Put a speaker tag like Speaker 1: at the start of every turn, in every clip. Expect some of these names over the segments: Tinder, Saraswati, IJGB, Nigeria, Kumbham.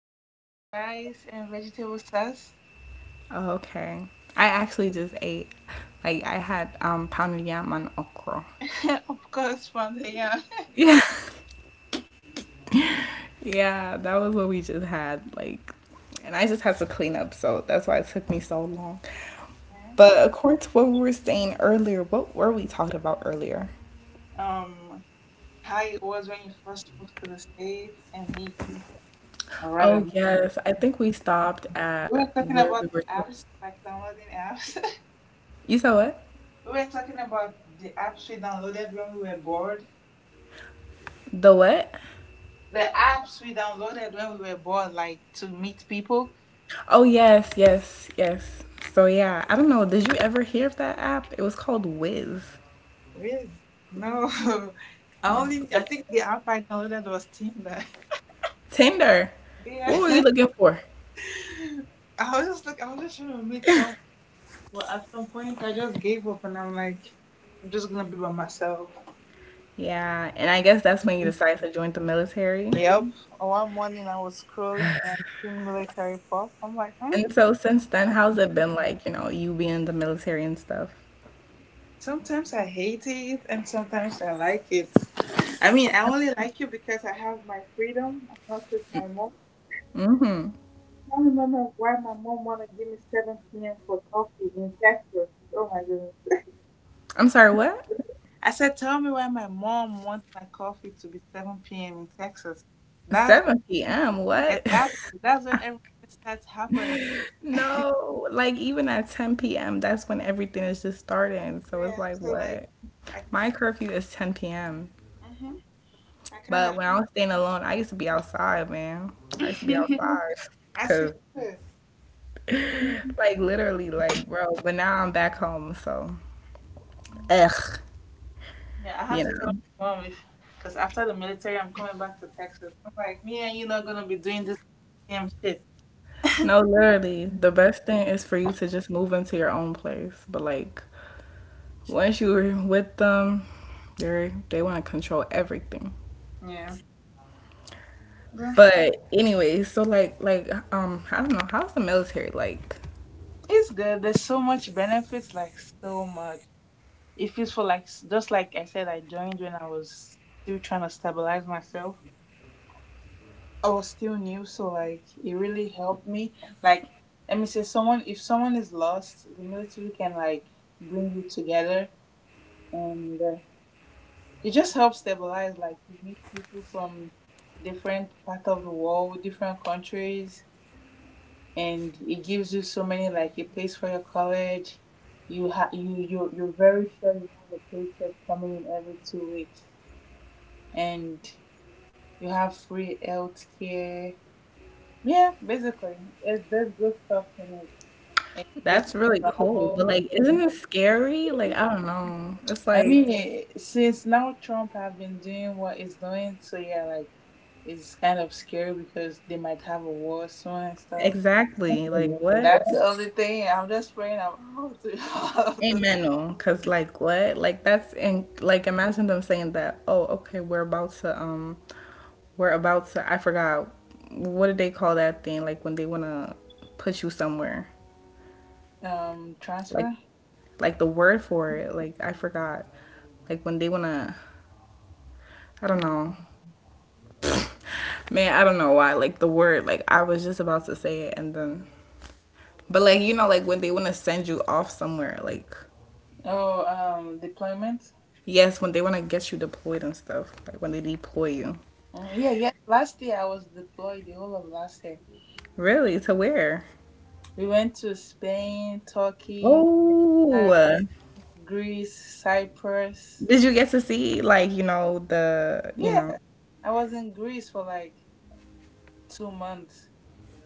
Speaker 1: Oh, I had rice and vegetable sauce.
Speaker 2: Oh, okay. I actually just ate like I had pounded yam and okra.
Speaker 1: Of course, from the young.
Speaker 2: Yeah. Yeah, that was what we just had like and I just had to clean up, so that's why it took me so long.
Speaker 1: Yes.
Speaker 2: But according to what we were saying earlier, what were we talking about earlier?
Speaker 1: Um, how it was when you first moved to the States and me or rather
Speaker 2: Oh
Speaker 1: me.
Speaker 2: yes, I think we stopped
Speaker 1: We
Speaker 2: at
Speaker 1: were talking
Speaker 2: where we
Speaker 1: about
Speaker 2: were.
Speaker 1: apps, like downloading apps.
Speaker 2: You said what?
Speaker 1: We were talking about the apps we downloaded when we were bored.
Speaker 2: The what?
Speaker 1: The apps we downloaded when we were bored, like to meet people.
Speaker 2: Oh yes, yes, yes. So yeah, I don't know. Did you ever hear of that app? It was called Wiz.
Speaker 1: Really? No.
Speaker 2: Oh, it's
Speaker 1: I
Speaker 2: like
Speaker 1: think the app I downloaded was Tinder.
Speaker 2: Tinder. What were you
Speaker 1: Yeah.
Speaker 2: looking for?
Speaker 1: I was just trying to meet some. Well, at some point, I just gave up and I'm like, I'm just gonna be by myself.
Speaker 2: Yeah, and I guess that's when you decided to join the military.
Speaker 1: Yep. One morning, I was scrolling and seeing military pop. I'm like, hmm.
Speaker 2: And so since then, how's it been like? You know, you being in the military and stuff.
Speaker 1: Sometimes I hate it and sometimes I like it. I mean, I only like you because I have my freedom. I'm not with my mom. I can't remember why my mom wanted to give me 7 p.m. for coffee in Texas. Oh my goodness.
Speaker 2: I'm sorry, what?
Speaker 1: I said, tell me why my mom wants my coffee to be 7 p.m. in Texas. That's
Speaker 2: 7 p.m. What?
Speaker 1: Exactly. That's when everything starts happening.
Speaker 2: No, like even at 10 p.m., that's when everything is just starting. So it's
Speaker 1: Yeah,
Speaker 2: like,
Speaker 1: so like
Speaker 2: what?
Speaker 1: I
Speaker 2: My curfew is 10 p.m.
Speaker 1: mm-hmm, I kind
Speaker 2: But when I was staying alone, I used to be outside, man.
Speaker 1: of
Speaker 2: I used to be outside.
Speaker 1: I said,
Speaker 2: Cause
Speaker 1: "Huh."
Speaker 2: like literally like bro, but now I'm back home, so ugh,
Speaker 1: Yeah, I had
Speaker 2: you
Speaker 1: to tell
Speaker 2: know.
Speaker 1: my mom because after the military, I'm coming back to Texas. I'm like, me and you not gonna be doing this damn shit.
Speaker 2: No, literally, the best thing is for you to just move into your own place. But like once you're with them, they want to control everything.
Speaker 1: Yeah. Yeah.
Speaker 2: But anyway, so like I don't know, how's the military like?
Speaker 1: It's good. There's so much benefits, like so much. It feels for like just like I said, I joined when I was still trying to stabilize myself. I was still new, so like it really helped me. Like, let me say, someone if someone is lost, the military can like bring you together, and it just helps stabilize. Like, you meet people from different part of the world, different countries, and it gives you so many like a place for your college. You're very sure you have a paycheck coming in every 2 weeks, and you have free health care. Yeah, basically, it's there's good stuff in it. And you get
Speaker 2: That's
Speaker 1: to
Speaker 2: really cool, but
Speaker 1: travel.
Speaker 2: like isn't it scary? Like I don't know. It's
Speaker 1: I mean,
Speaker 2: like
Speaker 1: since now Trump have been doing what he's doing, so yeah, like it's kind of scary because they might have a war soon and stuff.
Speaker 2: exactly. Like what?
Speaker 1: That's the only thing. I'm just praying I'm out to have this
Speaker 2: Amen. No. Cause like what? Like that's and like imagine them saying that. Oh, okay. We're about to. I forgot, what did they call that thing? Like when they wanna put you somewhere. Like
Speaker 1: transfer.
Speaker 2: like the word for it. Like I forgot. Like when they wanna. I don't know. Man, I don't know why. Like the word. Like I was just about to say it and then. But like you know, like when they wanna send you off somewhere. Like
Speaker 1: Oh, deployment.
Speaker 2: yes, when they want to get you deployed and stuff, like when they deploy you.
Speaker 1: Mm, yeah, yeah. Last year I was deployed the whole of last year.
Speaker 2: Really? To where?
Speaker 1: We went to Spain, Turkey,
Speaker 2: Oh,
Speaker 1: Greece, Cyprus.
Speaker 2: did you get to see like, you know, the, you know,
Speaker 1: Yeah, I was in Greece for like 2 months.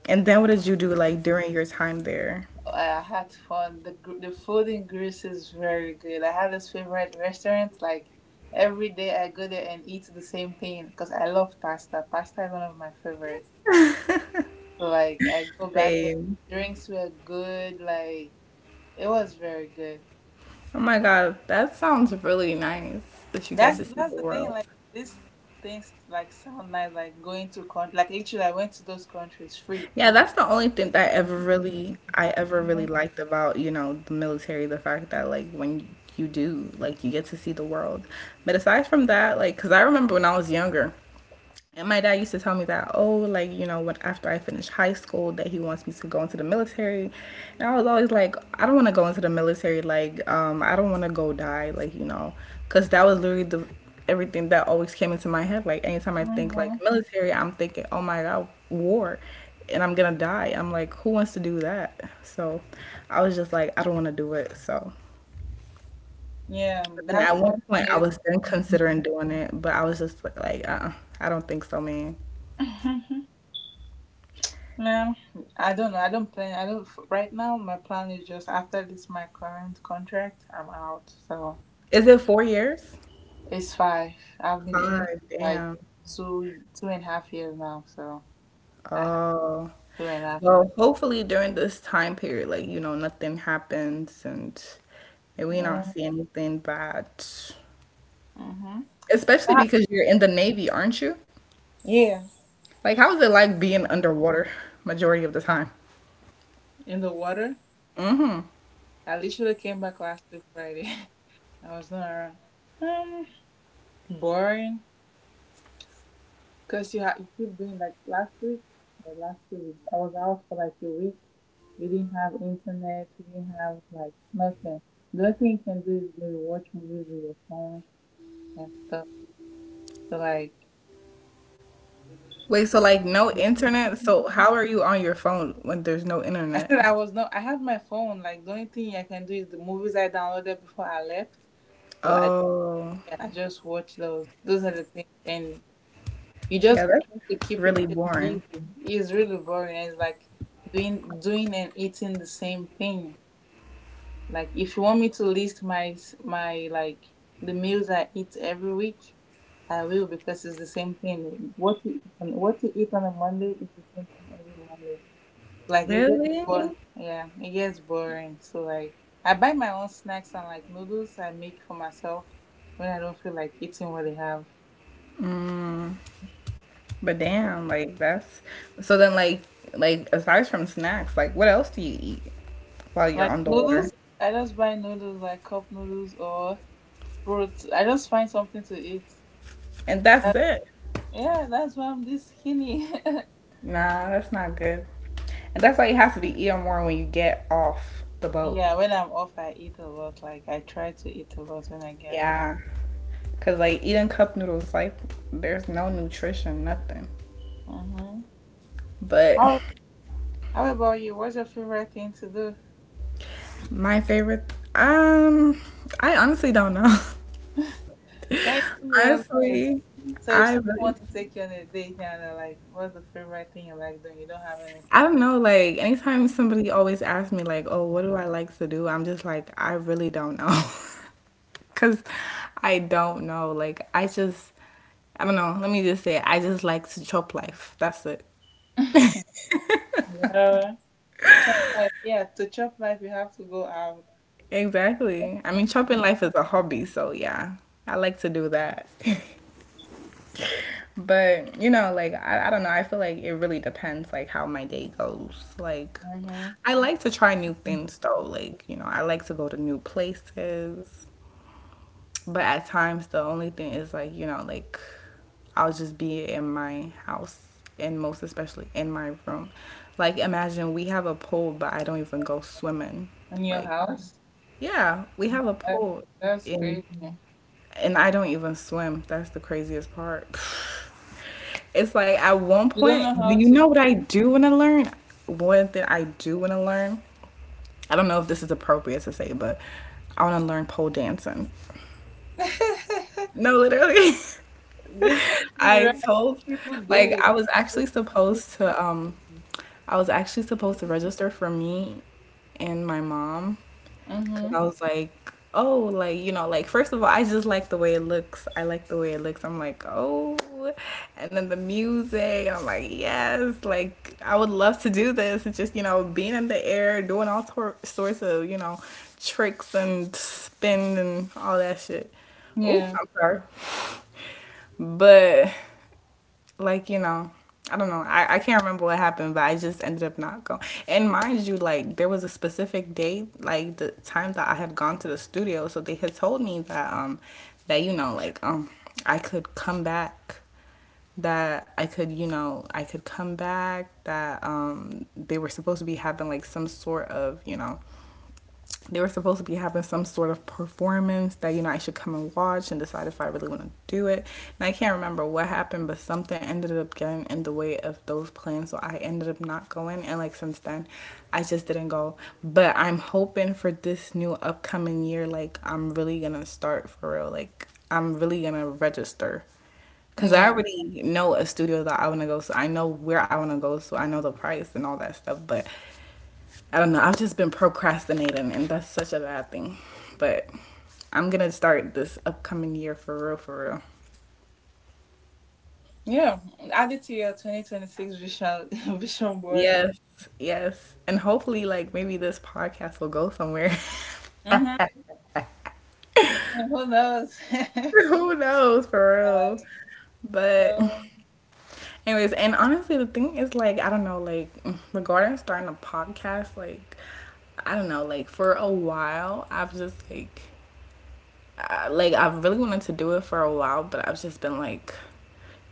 Speaker 2: and then what did you do like during your time there?
Speaker 1: I had fun. The food in Greece is very good. I had this favorite restaurant. Like every day, I go there and eat the same thing because I love pasta. Pasta is one of my favorites. So like I go back there. The
Speaker 2: Same.
Speaker 1: drinks were good. Like it was very good.
Speaker 2: Oh my God, that sounds really nice that you get
Speaker 1: That's
Speaker 2: to see
Speaker 1: that's
Speaker 2: the
Speaker 1: the thing.
Speaker 2: world.
Speaker 1: Like these things like sound nice. Like going to country. Like literally, I went to those countries free.
Speaker 2: Yeah, that's the only thing that ever really I ever really
Speaker 1: Mhm.
Speaker 2: liked about, you know, the military, the fact that like when you do, like you get to see the world. But aside from that, like cuz I remember when I was younger, and my dad used to tell me that, oh, like, you know, when after I finish high school that he wants me to go into the military. And I was always like, I don't want to go into the military, like, I don't want to go die, like, you know, cuz that was literally the everything that always came into my head. Like anytime I think like military, I'm thinking, oh my God, war and I'm gonna die. I'm like, who wants to do that? So I was just like, I don't want to do it. So,
Speaker 1: Yeah,
Speaker 2: but then
Speaker 1: that
Speaker 2: at one point, I
Speaker 1: is.
Speaker 2: was then considering doing it, but I was just like, I don't think so, man.
Speaker 1: Yeah, I don't know. I don't plan. I don't. F- Right now, my plan is just after this, my current contract, I'm out. So
Speaker 2: Is it 4 years?
Speaker 1: it's five. I've been in
Speaker 2: Five.
Speaker 1: like
Speaker 2: Damn.
Speaker 1: two and a half years now. So I have
Speaker 2: Oh.
Speaker 1: two and a half.
Speaker 2: Well, hopefully during this time period, like you know, nothing happens and maybe we not
Speaker 1: Yeah.
Speaker 2: see anything bad.
Speaker 1: Mm-hmm.
Speaker 2: Especially because you're in the Navy, aren't you?
Speaker 1: Yeah.
Speaker 2: Like, how is it like being underwater majority of the time?
Speaker 1: In the water. I literally came back last week Friday. I was not around. Um, boring. Because you keep doing like last week or last 2 weeks, I was out for like a week. We didn't have internet, we didn't have like nothing. The only thing you can do is maybe watch movies with your phone and stuff. So, like,
Speaker 2: Wait, so like no internet? So how are you on your phone when there's no
Speaker 1: I said
Speaker 2: internet?
Speaker 1: I was not, I had my phone. Like, the only thing I can do is the movies I downloaded before I left. So
Speaker 2: Oh,
Speaker 1: yeah, I just watch those. Those are the things. And you
Speaker 2: yeah,
Speaker 1: just try to
Speaker 2: that's
Speaker 1: keep
Speaker 2: really
Speaker 1: yourself busy.
Speaker 2: boring.
Speaker 1: It's really boring. And it's like doing and eating the same thing. Like if you want me to list my the meals I eat every week, I will because it's the same thing. What you eat on a Monday is the same thing every Monday. Like it gets
Speaker 2: Really?
Speaker 1: boring. Yeah, it gets boring. So like I buy my own snacks and like noodles I make for myself when I don't feel like eating what they have.
Speaker 2: But damn, like that's so then like aside from snacks, like what else do you eat while you're
Speaker 1: Like
Speaker 2: on the water?
Speaker 1: noodles, I just buy noodles like cup noodles or fruit. I just find something to eat.
Speaker 2: And
Speaker 1: Uh,
Speaker 2: that's it.
Speaker 1: yeah, that's why I'm this skinny.
Speaker 2: Nah, that's not good. And that's why you have to be eating more when you get off the boat.
Speaker 1: Yeah, when I'm off, I eat a lot. Like I try to eat a lot when I get off.
Speaker 2: Yeah. Cause like eating cup noodles, like there's no nutrition, nothing.
Speaker 1: Mm-hmm.
Speaker 2: But
Speaker 1: How, how about you? What's your favorite thing to do
Speaker 2: my favorite, um, I honestly don't know.
Speaker 1: when you're off?
Speaker 2: Honestly,
Speaker 1: So if
Speaker 2: I
Speaker 1: someone
Speaker 2: really,
Speaker 1: wants to take you on a date now, they're like, "What's the favorite thing you like doing?" You don't have anything.
Speaker 2: I don't know. Like, anytime somebody always asks me, like, oh, what do I like to do? I'm just like, I really don't know. Cause I don't know. Like, I just, I don't know. Let me just say, I just like to chop life. That's it.
Speaker 1: Yeah. Like yeah, to chop life, you have to go out.
Speaker 2: Exactly. I mean, chopping life is a hobby. So, yeah, I like to do that. But you know, like I don't know. I feel like it really depends, like how my day goes. Like
Speaker 1: Mm-hmm.
Speaker 2: I like to try new things though. Like you know, I like to go to new places. But at times, the only thing is like you know, like I'll just be in my house, and most especially in my room. Like imagine we have a pool, but I don't even go swimming.
Speaker 1: In your
Speaker 2: Like
Speaker 1: house.
Speaker 2: yeah, we have a
Speaker 1: That,
Speaker 2: pool,
Speaker 1: that's
Speaker 2: and
Speaker 1: crazy.
Speaker 2: I don't even swim. That's the craziest part. It's like at one
Speaker 1: You don't
Speaker 2: point,
Speaker 1: know how
Speaker 2: you
Speaker 1: to.
Speaker 2: know what I do want to learn? One thing I do want to learn. I don't know if this is appropriate to say, but I want to learn pole dancing. No, literally.
Speaker 1: This is
Speaker 2: I
Speaker 1: right.
Speaker 2: told
Speaker 1: People
Speaker 2: like
Speaker 1: do it.
Speaker 2: I was actually supposed to register for me and my mom
Speaker 1: Mm-hmm.
Speaker 2: because I was like, oh, like, you know, like, first of all, I just like the way it looks. I like the way it looks. I'm like, oh. And then the music, I'm like, yes, like, I would love to do this. It's just, you know, being in the air, doing sorts of, you know, tricks and spin and all that shit. Oh,
Speaker 1: Yeah,
Speaker 2: I'm sorry. But like you know, I don't know, I can't remember what happened but I just ended up not going and mind you like there was a specific date like the time that I had gone to the studio so they had told me that that you know like I could come back, that I could, you know, I could come back, that they were supposed to be having like some sort of, you know, they were supposed to be having some sort of performance that you know I should come and watch and decide if I really want to do it. And I can't remember what happened, but something ended up getting in the way of those plans, so I ended up not going. And like since then, I just didn't go. But I'm hoping for this new upcoming year, like I'm really gonna start for real. Like I'm really gonna register. Cause I
Speaker 1: yeah,
Speaker 2: already know a studio that I wanna go, so I know where I wanna go, so I know the price and all that stuff. But I don't know. I've just been procrastinating, and that's such a bad thing. But I'm gonna start this upcoming year for real, for real.
Speaker 1: yeah. Add it to your 2026 vision vision board.
Speaker 2: Yes, yes, and hopefully, like maybe this podcast will go somewhere.
Speaker 1: Mm-hmm. Who knows? Like
Speaker 2: Who knows, for real. But,
Speaker 1: so.
Speaker 2: anyways, and honestly, the thing is, like, I don't know, like, regarding starting a podcast, like, I don't know, like, for a while, I've just, like, I, like I've really wanted to do it for a while, but I've just been like,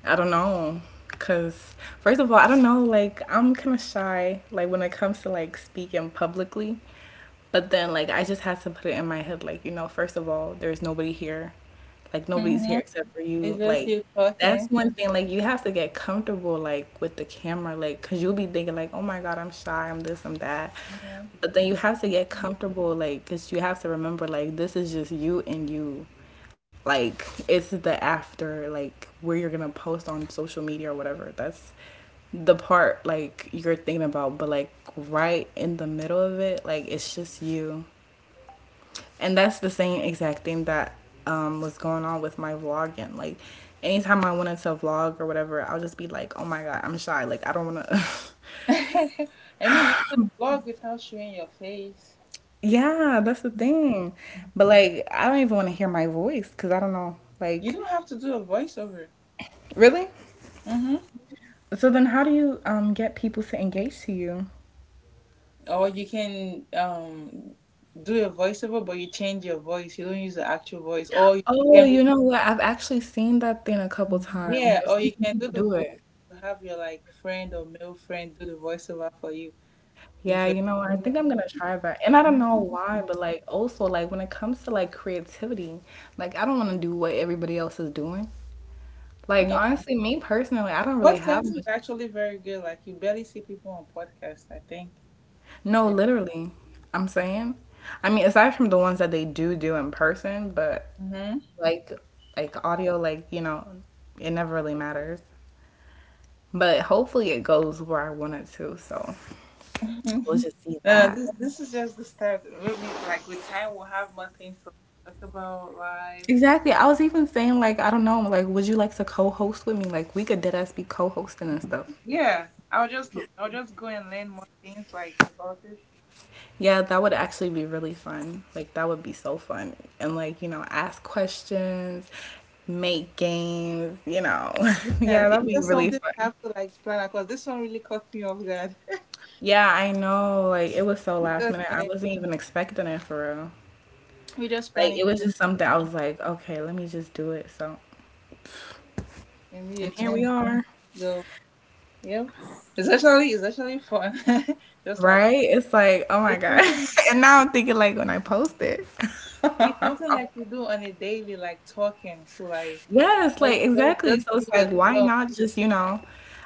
Speaker 2: I don't know, cause first of all, I don't know, like I'm kind of shy, like when it comes to like speaking publicly, but then like I just had to put it in my head, like you know, first of all, there's nobody here, like nobody's
Speaker 1: Mm-hmm.
Speaker 2: here except for
Speaker 1: It's
Speaker 2: you
Speaker 1: just
Speaker 2: like
Speaker 1: you
Speaker 2: that's
Speaker 1: talking.
Speaker 2: one thing like you have to get comfortable like with the camera like because you'll be thinking like oh my God I'm shy I'm this I'm that
Speaker 1: Hmm.
Speaker 2: but then you have to get comfortable like because you have to remember like this is just you and you like it's the after like where you're gonna post on social media or whatever that's the part like you're thinking about but like right in the middle of it like it's just you and that's the same exact thing that was going on with my vlogging. Like, anytime I wanted to vlog or whatever, I'll just be like, oh my God, I'm shy. Like, I don't want to.
Speaker 1: I mean, you can vlog without showing your face.
Speaker 2: Yeah, that's the thing. But, like, I don't even want to hear my voice because I don't know.
Speaker 1: You
Speaker 2: Like,
Speaker 1: don't have to do a voiceover.
Speaker 2: really?
Speaker 1: Mm-hmm.
Speaker 2: So then, how do you get people to engage to you?
Speaker 1: Or you can do a voiceover, but you change your voice. You don't use the actual voice. Or you
Speaker 2: Oh,
Speaker 1: can be
Speaker 2: you know what? I've actually seen that thing a couple times.
Speaker 1: yeah,
Speaker 2: I've
Speaker 1: or
Speaker 2: seen
Speaker 1: you
Speaker 2: some
Speaker 1: can do
Speaker 2: people
Speaker 1: the
Speaker 2: do
Speaker 1: voice.
Speaker 2: it.
Speaker 1: Have your like friend or male friend do the voiceover for you. If
Speaker 2: Yeah,
Speaker 1: you
Speaker 2: you know what? I
Speaker 1: Yeah.
Speaker 2: think I'm gonna try that. And I don't know
Speaker 1: Mhm.
Speaker 2: why, but like also like when it comes to like creativity, like I don't wanna do what everybody else is doing. Like
Speaker 1: Yeah.
Speaker 2: honestly, me personally, I don't really have
Speaker 1: Podcast is
Speaker 2: much.
Speaker 1: actually very good. Like you barely see people on podcasts, I think.
Speaker 2: No,
Speaker 1: Yeah.
Speaker 2: literally. I'm saying. I mean, aside from the ones that they do do in person, but
Speaker 1: Mm-hmm.
Speaker 2: like audio, it never really matters. But hopefully it goes where I want it to, so we'll just see that.
Speaker 1: This this is just the start. Maybe like with time we'll have more things to like, talk about life.
Speaker 2: Exactly. I was even saying like I don't know, like would you like to co-host with me? Like we could dead ass be co-hosting and stuff.
Speaker 1: Yeah. I'll just go and learn more things like about it.
Speaker 2: Yeah, that would actually be really fun. Like that would be so fun. And ask questions, make games, you know.
Speaker 1: Yeah,
Speaker 2: yeah, that'd
Speaker 1: it's
Speaker 2: be
Speaker 1: just
Speaker 2: really
Speaker 1: something
Speaker 2: fun.
Speaker 1: we have to like plan because this one really caught me off guard.
Speaker 2: Yeah, I know. Like it was so
Speaker 1: It's
Speaker 2: last minute. I
Speaker 1: okay.
Speaker 2: wasn't even expecting it for real.
Speaker 1: We just
Speaker 2: Like
Speaker 1: bunny
Speaker 2: it was
Speaker 1: popped
Speaker 2: just something I was like, okay, let me just do it. So,
Speaker 1: and we a
Speaker 2: and here we
Speaker 1: 20.
Speaker 2: are.
Speaker 1: Go. Yep. It's actually fun. Just like
Speaker 2: Right? It's like, oh my
Speaker 1: it's
Speaker 2: God.
Speaker 1: something
Speaker 2: And now I'm thinking like when
Speaker 1: we
Speaker 2: I post it.
Speaker 1: it's something like we do on a daily, like talking. So like
Speaker 2: Yes, like exactly.
Speaker 1: just
Speaker 2: So it's
Speaker 1: be
Speaker 2: like, why
Speaker 1: yourself.
Speaker 2: not just, you know,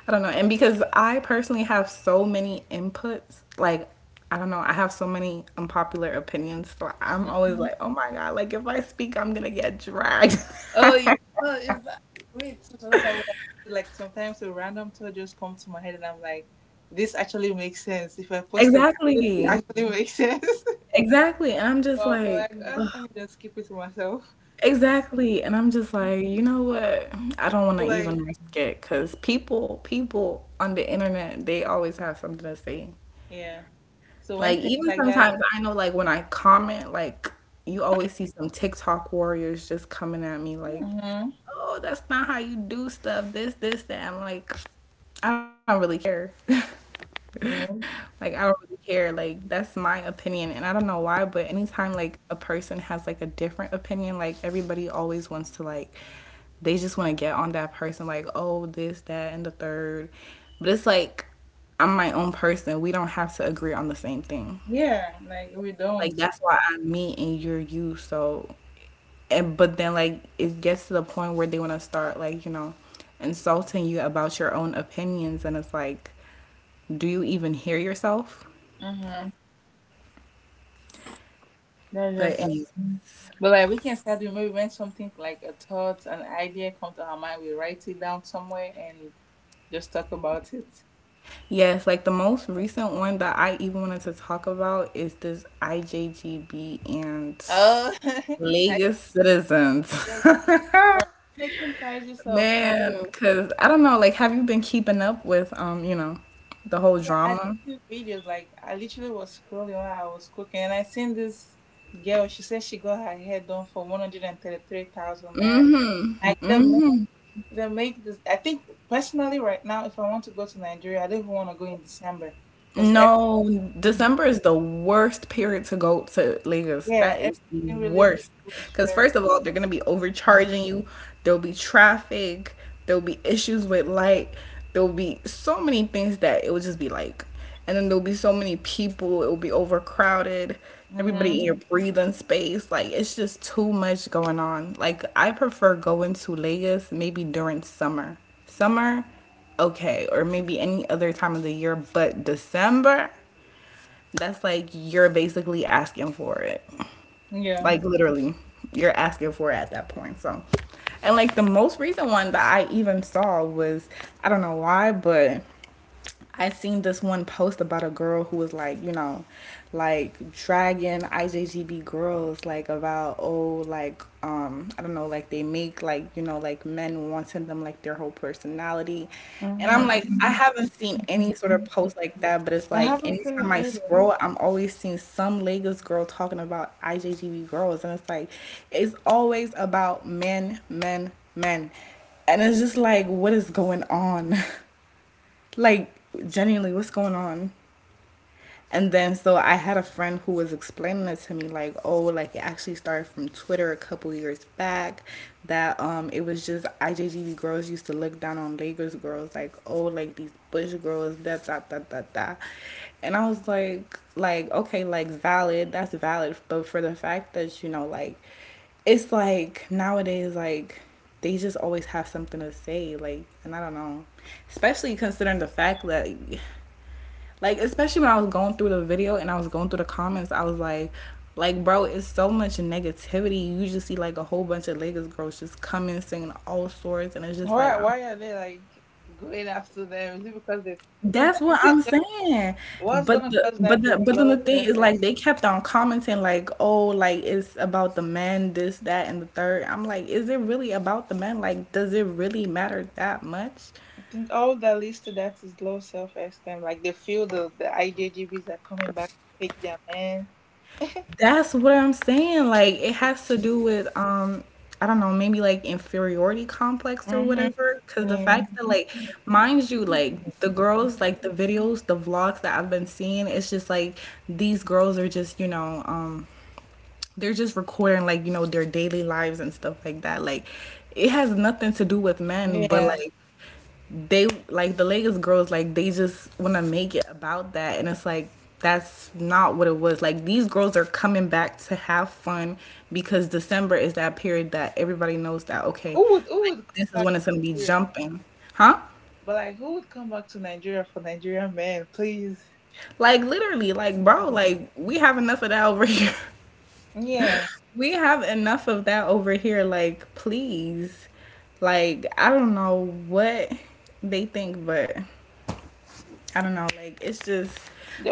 Speaker 2: I don't know. And because I personally have so many inputs, like, I don't know, I have so many unpopular opinions. So I'm always
Speaker 1: Mhm.
Speaker 2: like, oh my God, like if I speak, I'm gonna get dragged.
Speaker 1: Oh yeah. No, it's like me too. Sometimes I'm like sometimes a random thought just come to my head and I'm like, this actually makes sense. If I post about it, it
Speaker 2: Exactly.
Speaker 1: actually makes sense.
Speaker 2: Exactly. And I'm
Speaker 1: So
Speaker 2: just
Speaker 1: I'll be
Speaker 2: like,
Speaker 1: like, ah, let me just keep it to myself.
Speaker 2: exactly. And I'm just like, you know what? I don't want
Speaker 1: So
Speaker 2: to
Speaker 1: like
Speaker 2: even risk it because people on the internet, they always have something to say.
Speaker 1: yeah. So
Speaker 2: Like
Speaker 1: when things
Speaker 2: even
Speaker 1: like that.
Speaker 2: sometimes I know like when I comment, like you always see some TikTok warriors just coming at me like,
Speaker 1: Mm-hmm.
Speaker 2: "Oh, that's not how you do stuff. This, that." I'm like, I don't really care.
Speaker 1: Yeah.
Speaker 2: like I don't really care. Like that's my opinion, and I don't know why, but anytime like a person has like a different opinion, like everybody always wants to like they just want to get on that person like, "Oh, this, that, and the third." But it's like I'm my own person. We don't have to agree on the same thing.
Speaker 1: Yeah, like we don't.
Speaker 2: Like that's why I'm me and you're you. So, and but then like it gets to the point where they want to start like you know insulting you about your own opinions, and it's like, do you even hear yourself?
Speaker 1: Mm-hmm. That's just
Speaker 2: But
Speaker 1: like,
Speaker 2: anyway,
Speaker 1: but like we can start doing maybe when something like a thought, an idea comes to our mind, we write it down somewhere and just talk about it.
Speaker 2: yes, like the most recent one that I even wanted to talk about is this IJGB and
Speaker 1: Oh, I I
Speaker 2: Lagos citizens.
Speaker 1: just bro, making prices of hair.
Speaker 2: Man, because I don't know, like, have you been keeping up with, you know, the whole
Speaker 1: Yeah, I
Speaker 2: drama?
Speaker 1: do videos. Like I literally was scrolling while I was cooking, and I seen this girl. She said she got her hair done for 133,000 naira. Like the They make this. I think personally, right now, if I want to go to Nigeria, I don't even want to go in December because
Speaker 2: No,
Speaker 1: everything,
Speaker 2: December is the worst period to go to Lagos.
Speaker 1: yeah,
Speaker 2: That is
Speaker 1: everything
Speaker 2: the
Speaker 1: really
Speaker 2: worst.
Speaker 1: goes
Speaker 2: Because,
Speaker 1: very.
Speaker 2: first of all, they're going to be overcharging you. There'll be traffic. There'll be issues with light. There'll be so many things that it will just be like. And then there'll be so many people. It will be overcrowded. Everybody in
Speaker 1: Mm-hmm.
Speaker 2: your breathing space. Like, it's just too much going on. Like, I prefer going to Lagos maybe during summer. Summer okay, or maybe any other time of the year, but December, that's like you're basically asking for it.
Speaker 1: Yeah.
Speaker 2: Like literally, you're asking for it at that point. So, and like the most recent one that I even saw was I don't know why, but I seen this one post about a girl who was like, you know, like dragging IJGB girls, like about oh, like I don't know, like they make like you know, like men wanting them like their whole personality, and I'm like, I
Speaker 1: Mm-hmm.
Speaker 2: haven't seen any sort of post like that, but it's
Speaker 1: I
Speaker 2: like
Speaker 1: haven't seen
Speaker 2: anytime
Speaker 1: it
Speaker 2: I
Speaker 1: either.
Speaker 2: scroll, I'm always seeing some Lagos girl talking about IJGB girls, and it's like, it's always about men, men, men, and it's just like, what is going on? Like, genuinely, what's going on? And then so I had a friend who was explaining it to me like, oh, like it actually started from Twitter a couple years back that it was just IJGB girls used to look down on Lakers girls like, oh, like these Bush girls, da da da da da. And I was like, okay, like valid, that's valid. But for the fact that, you know, like it's like nowadays like they just always have something to say, like and I don't know. Especially considering the fact that like especially when I was going through the video and I was going through the comments, I was like bro, it's so much negativity. You just see like a whole bunch of Lagos girls just coming singing all sorts, and it's just like I'm
Speaker 1: Why are they like going after them? Is it because they? Is I
Speaker 2: that's
Speaker 1: think
Speaker 2: what
Speaker 1: it's
Speaker 2: I'm
Speaker 1: just,
Speaker 2: saying.
Speaker 1: what's
Speaker 2: But
Speaker 1: gonna
Speaker 2: the
Speaker 1: cause
Speaker 2: but
Speaker 1: that
Speaker 2: the
Speaker 1: is
Speaker 2: but then
Speaker 1: low
Speaker 2: the thing
Speaker 1: self.
Speaker 2: is
Speaker 1: I
Speaker 2: like they kept on commenting like, oh, like it's about the men, this, that, and the third. I'm like, is it really about the men? Like, does it really matter that much?
Speaker 1: think all that leads to that is low self esteem. Like they feel the IJGBs are coming back to take their man.
Speaker 2: That's what I'm saying. Like it has to do with I don't know, maybe like inferiority complex or
Speaker 1: Mm-hmm.
Speaker 2: whatever. Cause the
Speaker 1: Yeah.
Speaker 2: fact that like mind you, like the girls, like the videos, the vlogs that I've been seeing, it's just like these girls are just, you know, they're just recording like, you know, their daily lives and stuff like that. Like it has nothing to do with men, but
Speaker 1: Yeah.
Speaker 2: like they like the Lagos girls like they just want to make it about that and it's like that's not what it was like these girls are coming back to have fun because December is that period that everybody knows that okay
Speaker 1: Who
Speaker 2: like
Speaker 1: would come
Speaker 2: this is
Speaker 1: back
Speaker 2: when it's going to be
Speaker 1: to Nigeria?
Speaker 2: jumping huh
Speaker 1: But like who would come back to Nigeria for Nigerian men, please?
Speaker 2: like literally like bro like we have enough of that over here
Speaker 1: Yeah.
Speaker 2: we have enough of that over here like please like I don't know what they think but I don't know, like it's just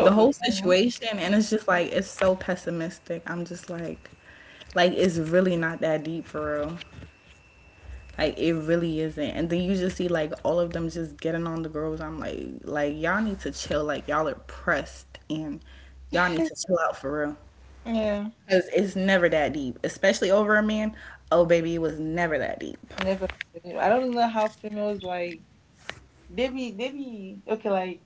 Speaker 2: the
Speaker 1: would be
Speaker 2: whole
Speaker 1: fun.
Speaker 2: situation and it's just like it's so pessimistic. I'm just like it's really not that deep for real. Like it really isn't. And then you just see like all of them just getting on the girls. I'm like y'all need to chill. Like y'all are pressed and y'all need to chill out for real.
Speaker 1: Yeah.
Speaker 2: Cause it's never that deep, especially over a man. Oh baby, it was never that deep.
Speaker 1: Never. I don't know how females like they be okay, like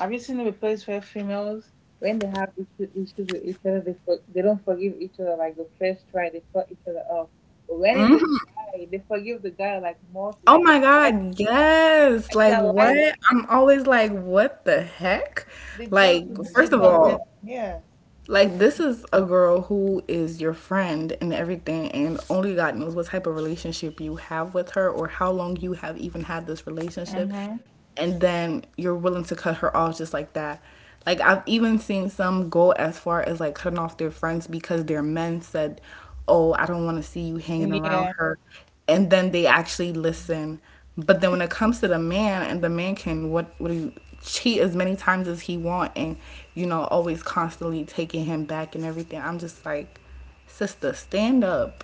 Speaker 1: have you seen a place where females when they have issues with each other they don't forgive each other like the first try they cut each other off. But when it's a guy, they forgive the guy like more
Speaker 2: Oh
Speaker 1: like the
Speaker 2: my
Speaker 1: guy
Speaker 2: God, yes. Like, what?
Speaker 1: alive
Speaker 2: I'm always like, what the heck?
Speaker 1: they do
Speaker 2: Like, first
Speaker 1: cheat
Speaker 2: of
Speaker 1: on them.
Speaker 2: all,
Speaker 1: Yeah.
Speaker 2: like, this is a girl who is your friend and everything, and only God knows what type of relationship you have with her or how long you have even had this relationship.
Speaker 1: Mm-hmm.
Speaker 2: And then you're willing to cut her off just like that. Like, I've even seen some go as far as like cutting off their friends because their men said, "Oh, I don't want to see you hanging around
Speaker 1: Yeah.
Speaker 2: her." And then they actually listen but then when it comes to the man, and the man can what he cheat as many times as he want, and you know always constantly taking him back and everything. I'm just like, sister, stand up,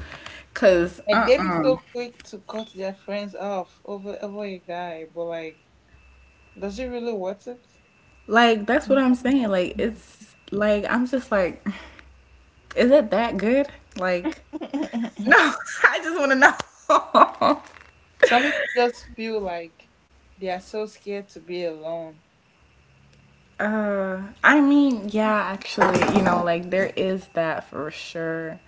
Speaker 2: cause
Speaker 1: Like they be so quick to cut their friends off over a guy, but like, does it really worth it?
Speaker 2: like that's what I'm saying. Like it's like I'm just like, is it that good? Like no, I just want to know.
Speaker 1: Some people just feel like they are so scared to be alone.
Speaker 2: I mean, yeah, actually, you know, like there is that for sure.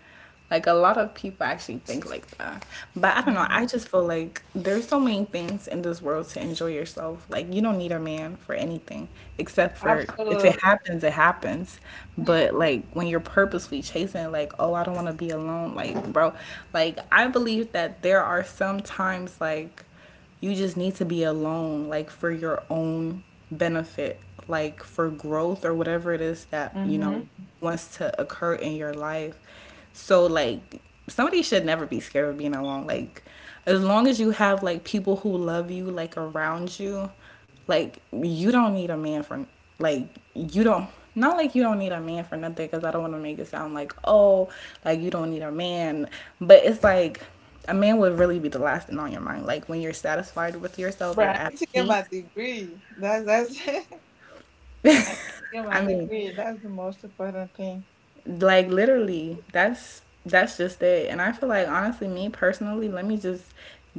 Speaker 2: Like a lot of people actually think like that. But I don't know, I
Speaker 1: Mhm.
Speaker 2: just feel like there's so many things in this world to enjoy yourself. Like you don't need a man for anything except for if it
Speaker 1: Absolutely.
Speaker 2: happens, it happens. But like when you're purposely chasing like, oh, I don't want to be alone, like, bro, like I believe that there are some times like you just need to be alone, like for your own benefit, like for growth or whatever it is that, you know,
Speaker 1: Mm-hmm.
Speaker 2: wants to occur in your life. So, like, somebody should never be scared of being alone. Like, as long as you have like people who love you, like around you, like you don't need a man for like you don't not like you don't need a man for nothing because I don't want to make it sound like oh like you don't need a man, but it's like a man would really be the last thing on your mind. Like when you're satisfied with yourself,
Speaker 1: But
Speaker 2: you're
Speaker 1: I
Speaker 2: at
Speaker 1: need to get my
Speaker 2: peace.
Speaker 1: degree. That's I need to get my
Speaker 2: I mean,
Speaker 1: degree. That's the most important thing.
Speaker 2: like literally, that's just it. And I feel like honestly, me personally, let me just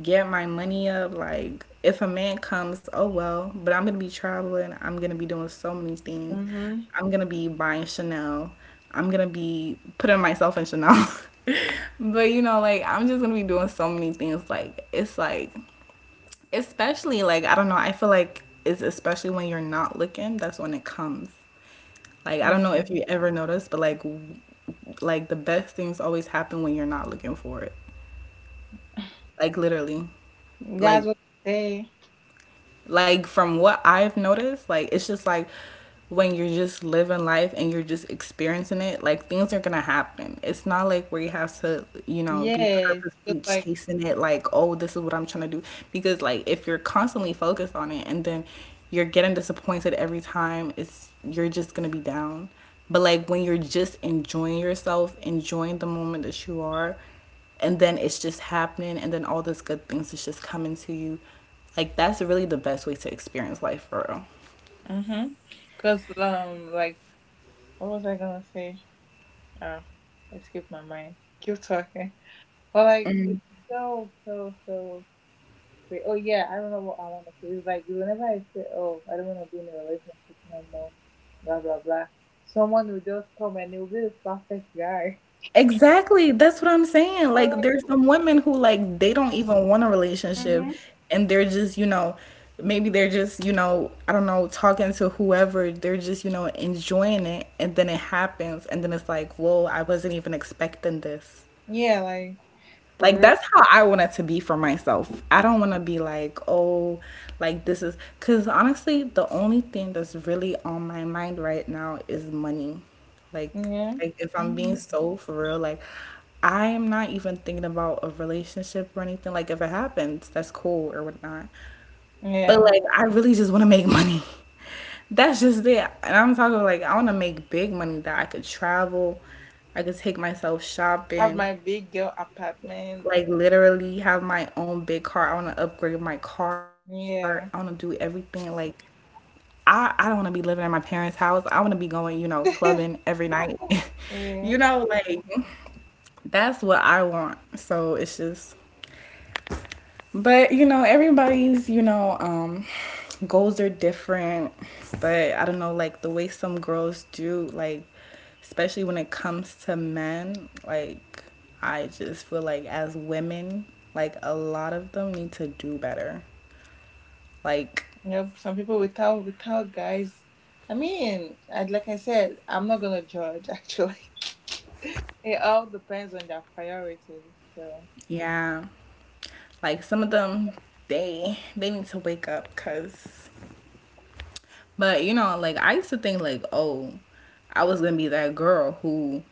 Speaker 2: get my money up. Like if a man comes, oh well. But I'm gonna be traveling. I'm gonna be doing so many things.
Speaker 1: Mm-hmm.
Speaker 2: I'm gonna be buying Chanel. I'm gonna be putting myself in Chanel. but you know, like I'm just gonna be doing so many things. Like it's like especially like I don't know, I feel like it's especially when you're not looking, that's when it comes. Like I don't
Speaker 1: Yeah.
Speaker 2: know if you ever noticed, but like w- like the best things always happen when you're not looking for it. Like literally.
Speaker 1: That's
Speaker 2: Like
Speaker 1: what they say.
Speaker 2: like from what I've noticed, like it's just like when you're just living life and you're just experiencing it, like things are gonna happen. It's not like where you have to, you know, be
Speaker 1: Yes. Just
Speaker 2: purposely
Speaker 1: like
Speaker 2: chasing it, like, oh, this is what I'm trying to do. Because, like, if you're constantly focused on it and then you're getting disappointed every time, it's you're just gonna be down. But, like, when you're just enjoying yourself, enjoying the moment that you are, and then it's just happening and then all these good things is just coming to you, like that's really the best way to experience life for real.
Speaker 1: mm-hmm. Cause what was I gonna say? Oh, it skipped my mind. Keep talking. But like it's so great. Oh yeah, I remember what I want to say. It's like whenever I say, "Oh, I don't want to be in a relationship no more," blah blah blah. Someone will just come and they'll be the perfect guy.
Speaker 2: Exactly, that's what I'm saying.
Speaker 1: Oh,
Speaker 2: Like
Speaker 1: like
Speaker 2: there's some women who, like, they don't even want a relationship,
Speaker 1: hmm
Speaker 2: and they're just, you know, maybe they're just, you know, I don't know, talking to whoever, they're just, you know, enjoying it, and then it happens, and then it's like, whoa, I wasn't even expecting this.
Speaker 1: yeah, like
Speaker 2: Like
Speaker 1: for
Speaker 2: that's how I want it to be for myself. I don't want to be like, oh, like this is, cuz honestly, the only thing that's really on my mind right now is money. Like
Speaker 1: real. Yeah.
Speaker 2: like if I'm
Speaker 1: Hmm.
Speaker 2: being so for real, like I am not even thinking about a relationship or anything. Like if it happens, that's cool or whatnot. But
Speaker 1: Yeah.
Speaker 2: like I really just want to make money. That's just it. And I'm talking like I want to make big money that I could travel, I could take myself
Speaker 1: Have
Speaker 2: shopping,
Speaker 1: my big girl apartment.
Speaker 2: like literally have my own big car. I want to upgrade my car. I want to do
Speaker 1: Yeah.
Speaker 2: everything. Like I don't want to be living in my parents' house. I want to be going, you know, clubbing every night. You
Speaker 1: Yeah.
Speaker 2: know, like that's what I want. So it's just, but you know, everybody's, you know, goals are different. But I don't know, like the way some girls do, like especially when it comes to men, like I just feel like as women, like a lot of them need to do better. Like
Speaker 1: Yep, some people without without guys. Like I said, I'm not gonna judge. Actually, it all depends on their priorities. So
Speaker 2: yeah. Like some of them, they need to wake up cuz. But you know, like I used to think like, oh, I was gonna be that girl who,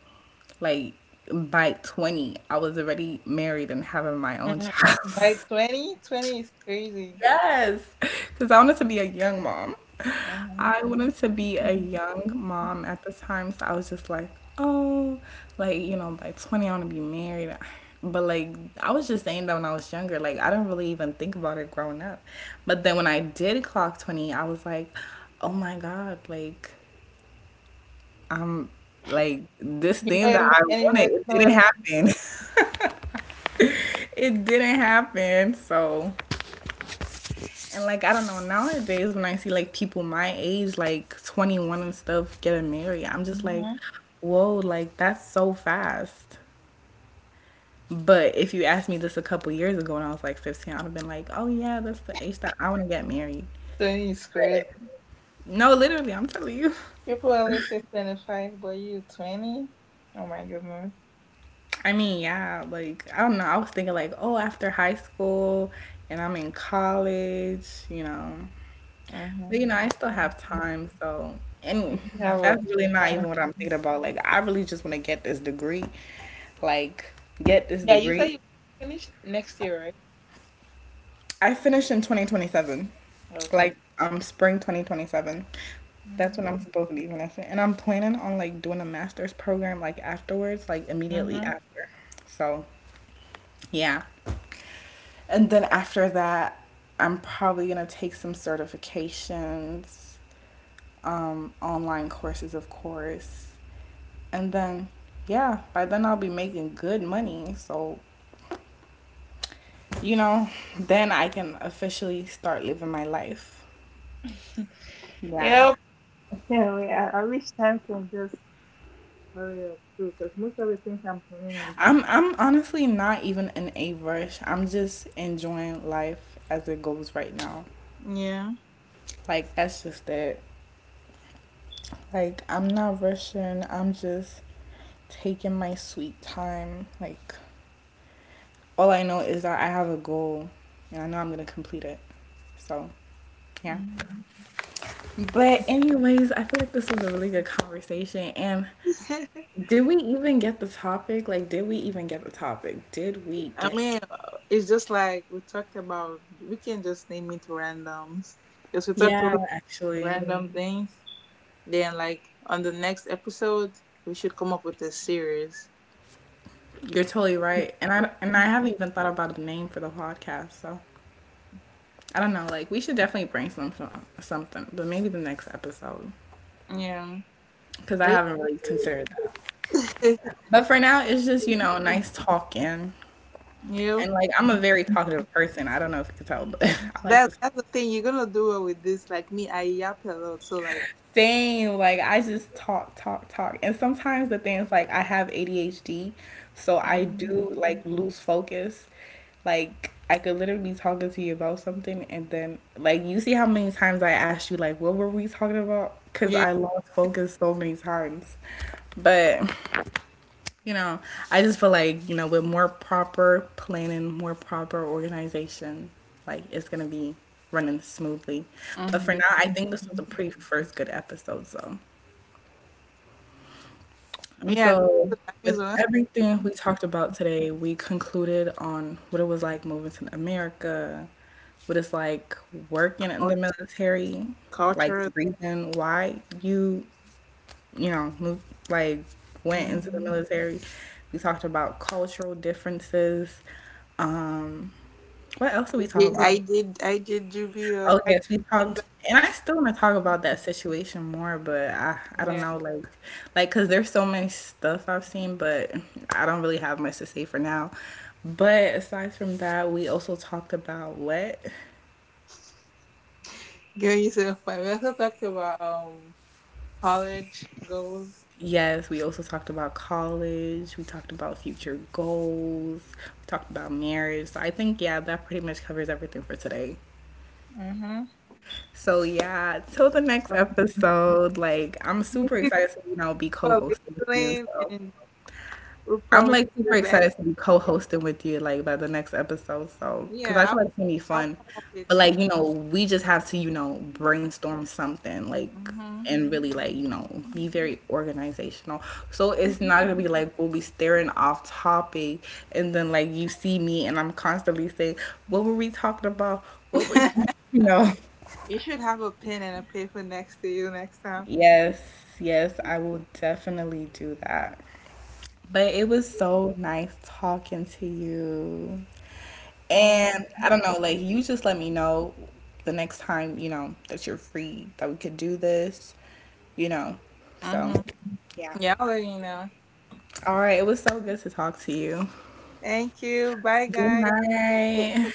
Speaker 2: like, by 20, I was already married and having my own
Speaker 1: Mhm. By
Speaker 2: child.
Speaker 1: 20 is crazy.
Speaker 2: Yes, because I wanted to be a young mom.
Speaker 1: Hmm.
Speaker 2: I wanted to be a young mom at the time, so I was just like, oh, like you know, by 20, I want to be married. But like, I was just saying that when I was younger, like I didn't really even think about it growing up. But then when I did clock 20, I was like, oh my god, like I'm like this
Speaker 1: You're
Speaker 2: thing
Speaker 1: not
Speaker 2: that
Speaker 1: even
Speaker 2: I wanted,
Speaker 1: anywhere
Speaker 2: it didn't
Speaker 1: close.
Speaker 2: happen. It didn't happen. So and like I don't know, nowadays when I see like people my age, like 21 and stuff, getting married, I'm just like,
Speaker 1: Hmm.
Speaker 2: whoa, like that's so fast. But if you asked me this a couple years ago when I was like 15, I'd have been like, oh yeah, that's the age that I wanna get married.
Speaker 1: 20 is crazy.
Speaker 2: But no, literally, I'm telling you.
Speaker 1: People always say 25, but you 20. Oh my goodness.
Speaker 2: I mean, yeah, like I don't know. I was thinking like, oh, after high school and I'm in college, you know. But you
Speaker 1: Hmm.
Speaker 2: know, I still have time, so. And
Speaker 1: If you have
Speaker 2: that's really not
Speaker 1: a
Speaker 2: even what I'm thinking about. Like I really just want to get this degree. Like get this
Speaker 1: yeah, you say
Speaker 2: degree.
Speaker 1: you finish next year, right?
Speaker 2: I finish in 2027.
Speaker 1: Oh, 20.
Speaker 2: Like I'm spring 2027. That's when I'm
Speaker 1: Mm-hmm.
Speaker 2: supposed to be finishing. And I'm planning on like doing a master's program like afterwards, like immediately
Speaker 1: Mm-hmm.
Speaker 2: after. So, yeah. And then after that, I'm probably going to take some certifications, online courses, of course. And then, yeah, by then I'll be making good money. So, you know, then I can officially start living my life.
Speaker 1: It
Speaker 2: Yeah.
Speaker 1: Yeah, not I, I wish time can just hurry up too, because most of the things I'm planning
Speaker 2: I'm honestly not even in a rush. I'm just enjoying life as it goes right now.
Speaker 1: on Yeah.
Speaker 2: Like that's just it. Like I'm not rushing. I'm just taking my sweet time. Like all I know is that I have a goal and I know I'm gonna complete it. So yeah.
Speaker 1: Mhm.
Speaker 2: But anyways, I feel like this was a really good conversation and
Speaker 1: doing.
Speaker 2: did we even get the topic? Like did we even get the topic? Did we
Speaker 1: I
Speaker 2: get?
Speaker 1: mean, it's just like we talked about. We can just name it randoms, because we talked about
Speaker 2: Yeah, actually.
Speaker 1: random things. Then, like on the next episode, we should come up with a series.
Speaker 2: You're totally right. And I haven't even thought about the name for the podcast, so I don't know. Like we should definitely brainstorm something, but maybe the next episode
Speaker 1: Yeah.
Speaker 2: cuz I haven't really considered that. But for now, it's just, you know, nice talking.
Speaker 1: Yeah.
Speaker 2: And like I'm a very talkative person. I don't know if you can tell, but I like this
Speaker 1: That's the thing you're gonna do it with this. Like me, I yap a lot, so like
Speaker 2: same. Like I just talk, talk, talk. And sometimes the things, like I have ADHD, so I do
Speaker 1: Mhm.
Speaker 2: like lose focus. Like I could literally be talking to you about something and then like you see how many times I asked you like what were we talking about? Cause
Speaker 1: yeah.
Speaker 2: I lost focus so many times. But you know, I just feel like, you know, with more proper planning, more proper organization, like it's gonna be running smoothly. But for now, I
Speaker 1: Mhm.
Speaker 2: think this was a pretty first good episode, so. And
Speaker 1: Yeah,
Speaker 2: so,
Speaker 1: this is a
Speaker 2: with
Speaker 1: nice
Speaker 2: everything
Speaker 1: one.
Speaker 2: we talked about today, we concluded on what it was like moving to America, what it's like working in the
Speaker 1: Cult-
Speaker 2: military, like the
Speaker 1: Culture.
Speaker 2: reason why you know, moved, like went into the
Speaker 1: Hmm.
Speaker 2: military. We talked about cultural differences. What else did we talk about?
Speaker 1: I did juvie.
Speaker 2: Oh yes, we
Speaker 1: Did,
Speaker 2: talked, and I still want to talk about that situation more, but I don't
Speaker 1: yeah.
Speaker 2: know, like because there's so much stuff I've seen, but I don't really have much to say for now. But aside from that, we also talked about what.
Speaker 1: Girl, you said fun. We also talked about college goals.
Speaker 2: Yes, we also talked about college. We talked about future goals. We talked about marriage. So I think, yeah, that pretty much covers everything for today.
Speaker 1: Mm-hmm.
Speaker 2: So yeah, till the next episode. Like I'm
Speaker 1: Thank
Speaker 2: super
Speaker 1: you guys
Speaker 2: excited to, you know, be
Speaker 1: for
Speaker 2: co-hosting with you.
Speaker 1: listening,
Speaker 2: So
Speaker 1: and we
Speaker 2: I'm
Speaker 1: promise
Speaker 2: like super
Speaker 1: to do better.
Speaker 2: excited to be co-hosting with you like by the next episode. So because
Speaker 1: Yeah,
Speaker 2: I feel like it's gonna be
Speaker 1: I'll
Speaker 2: fun.
Speaker 1: come up with
Speaker 2: But like
Speaker 1: things.
Speaker 2: you know we just have to, you know, brainstorm something, like
Speaker 1: Mm-hmm.
Speaker 2: and really, like, you know, be very organizational. So it's not gonna be like we'll be staring off topic and then like you see me and I'm constantly saying what were we talking about? What were we you know.
Speaker 1: You should have a pen and a paper next to you next time.
Speaker 2: Yes, yes, I will definitely do that. But it was so nice talking to you.
Speaker 1: Thank.
Speaker 2: And I don't know, like you just let me know the next time, you know, that you're free, that we could do this, you know. So,
Speaker 1: Mm-hmm.
Speaker 2: yeah.
Speaker 1: Yeah, I'll let you know.
Speaker 2: All right, it was so good to talk to you.
Speaker 1: Thank you. Bye,
Speaker 2: Good
Speaker 1: guys.
Speaker 2: night.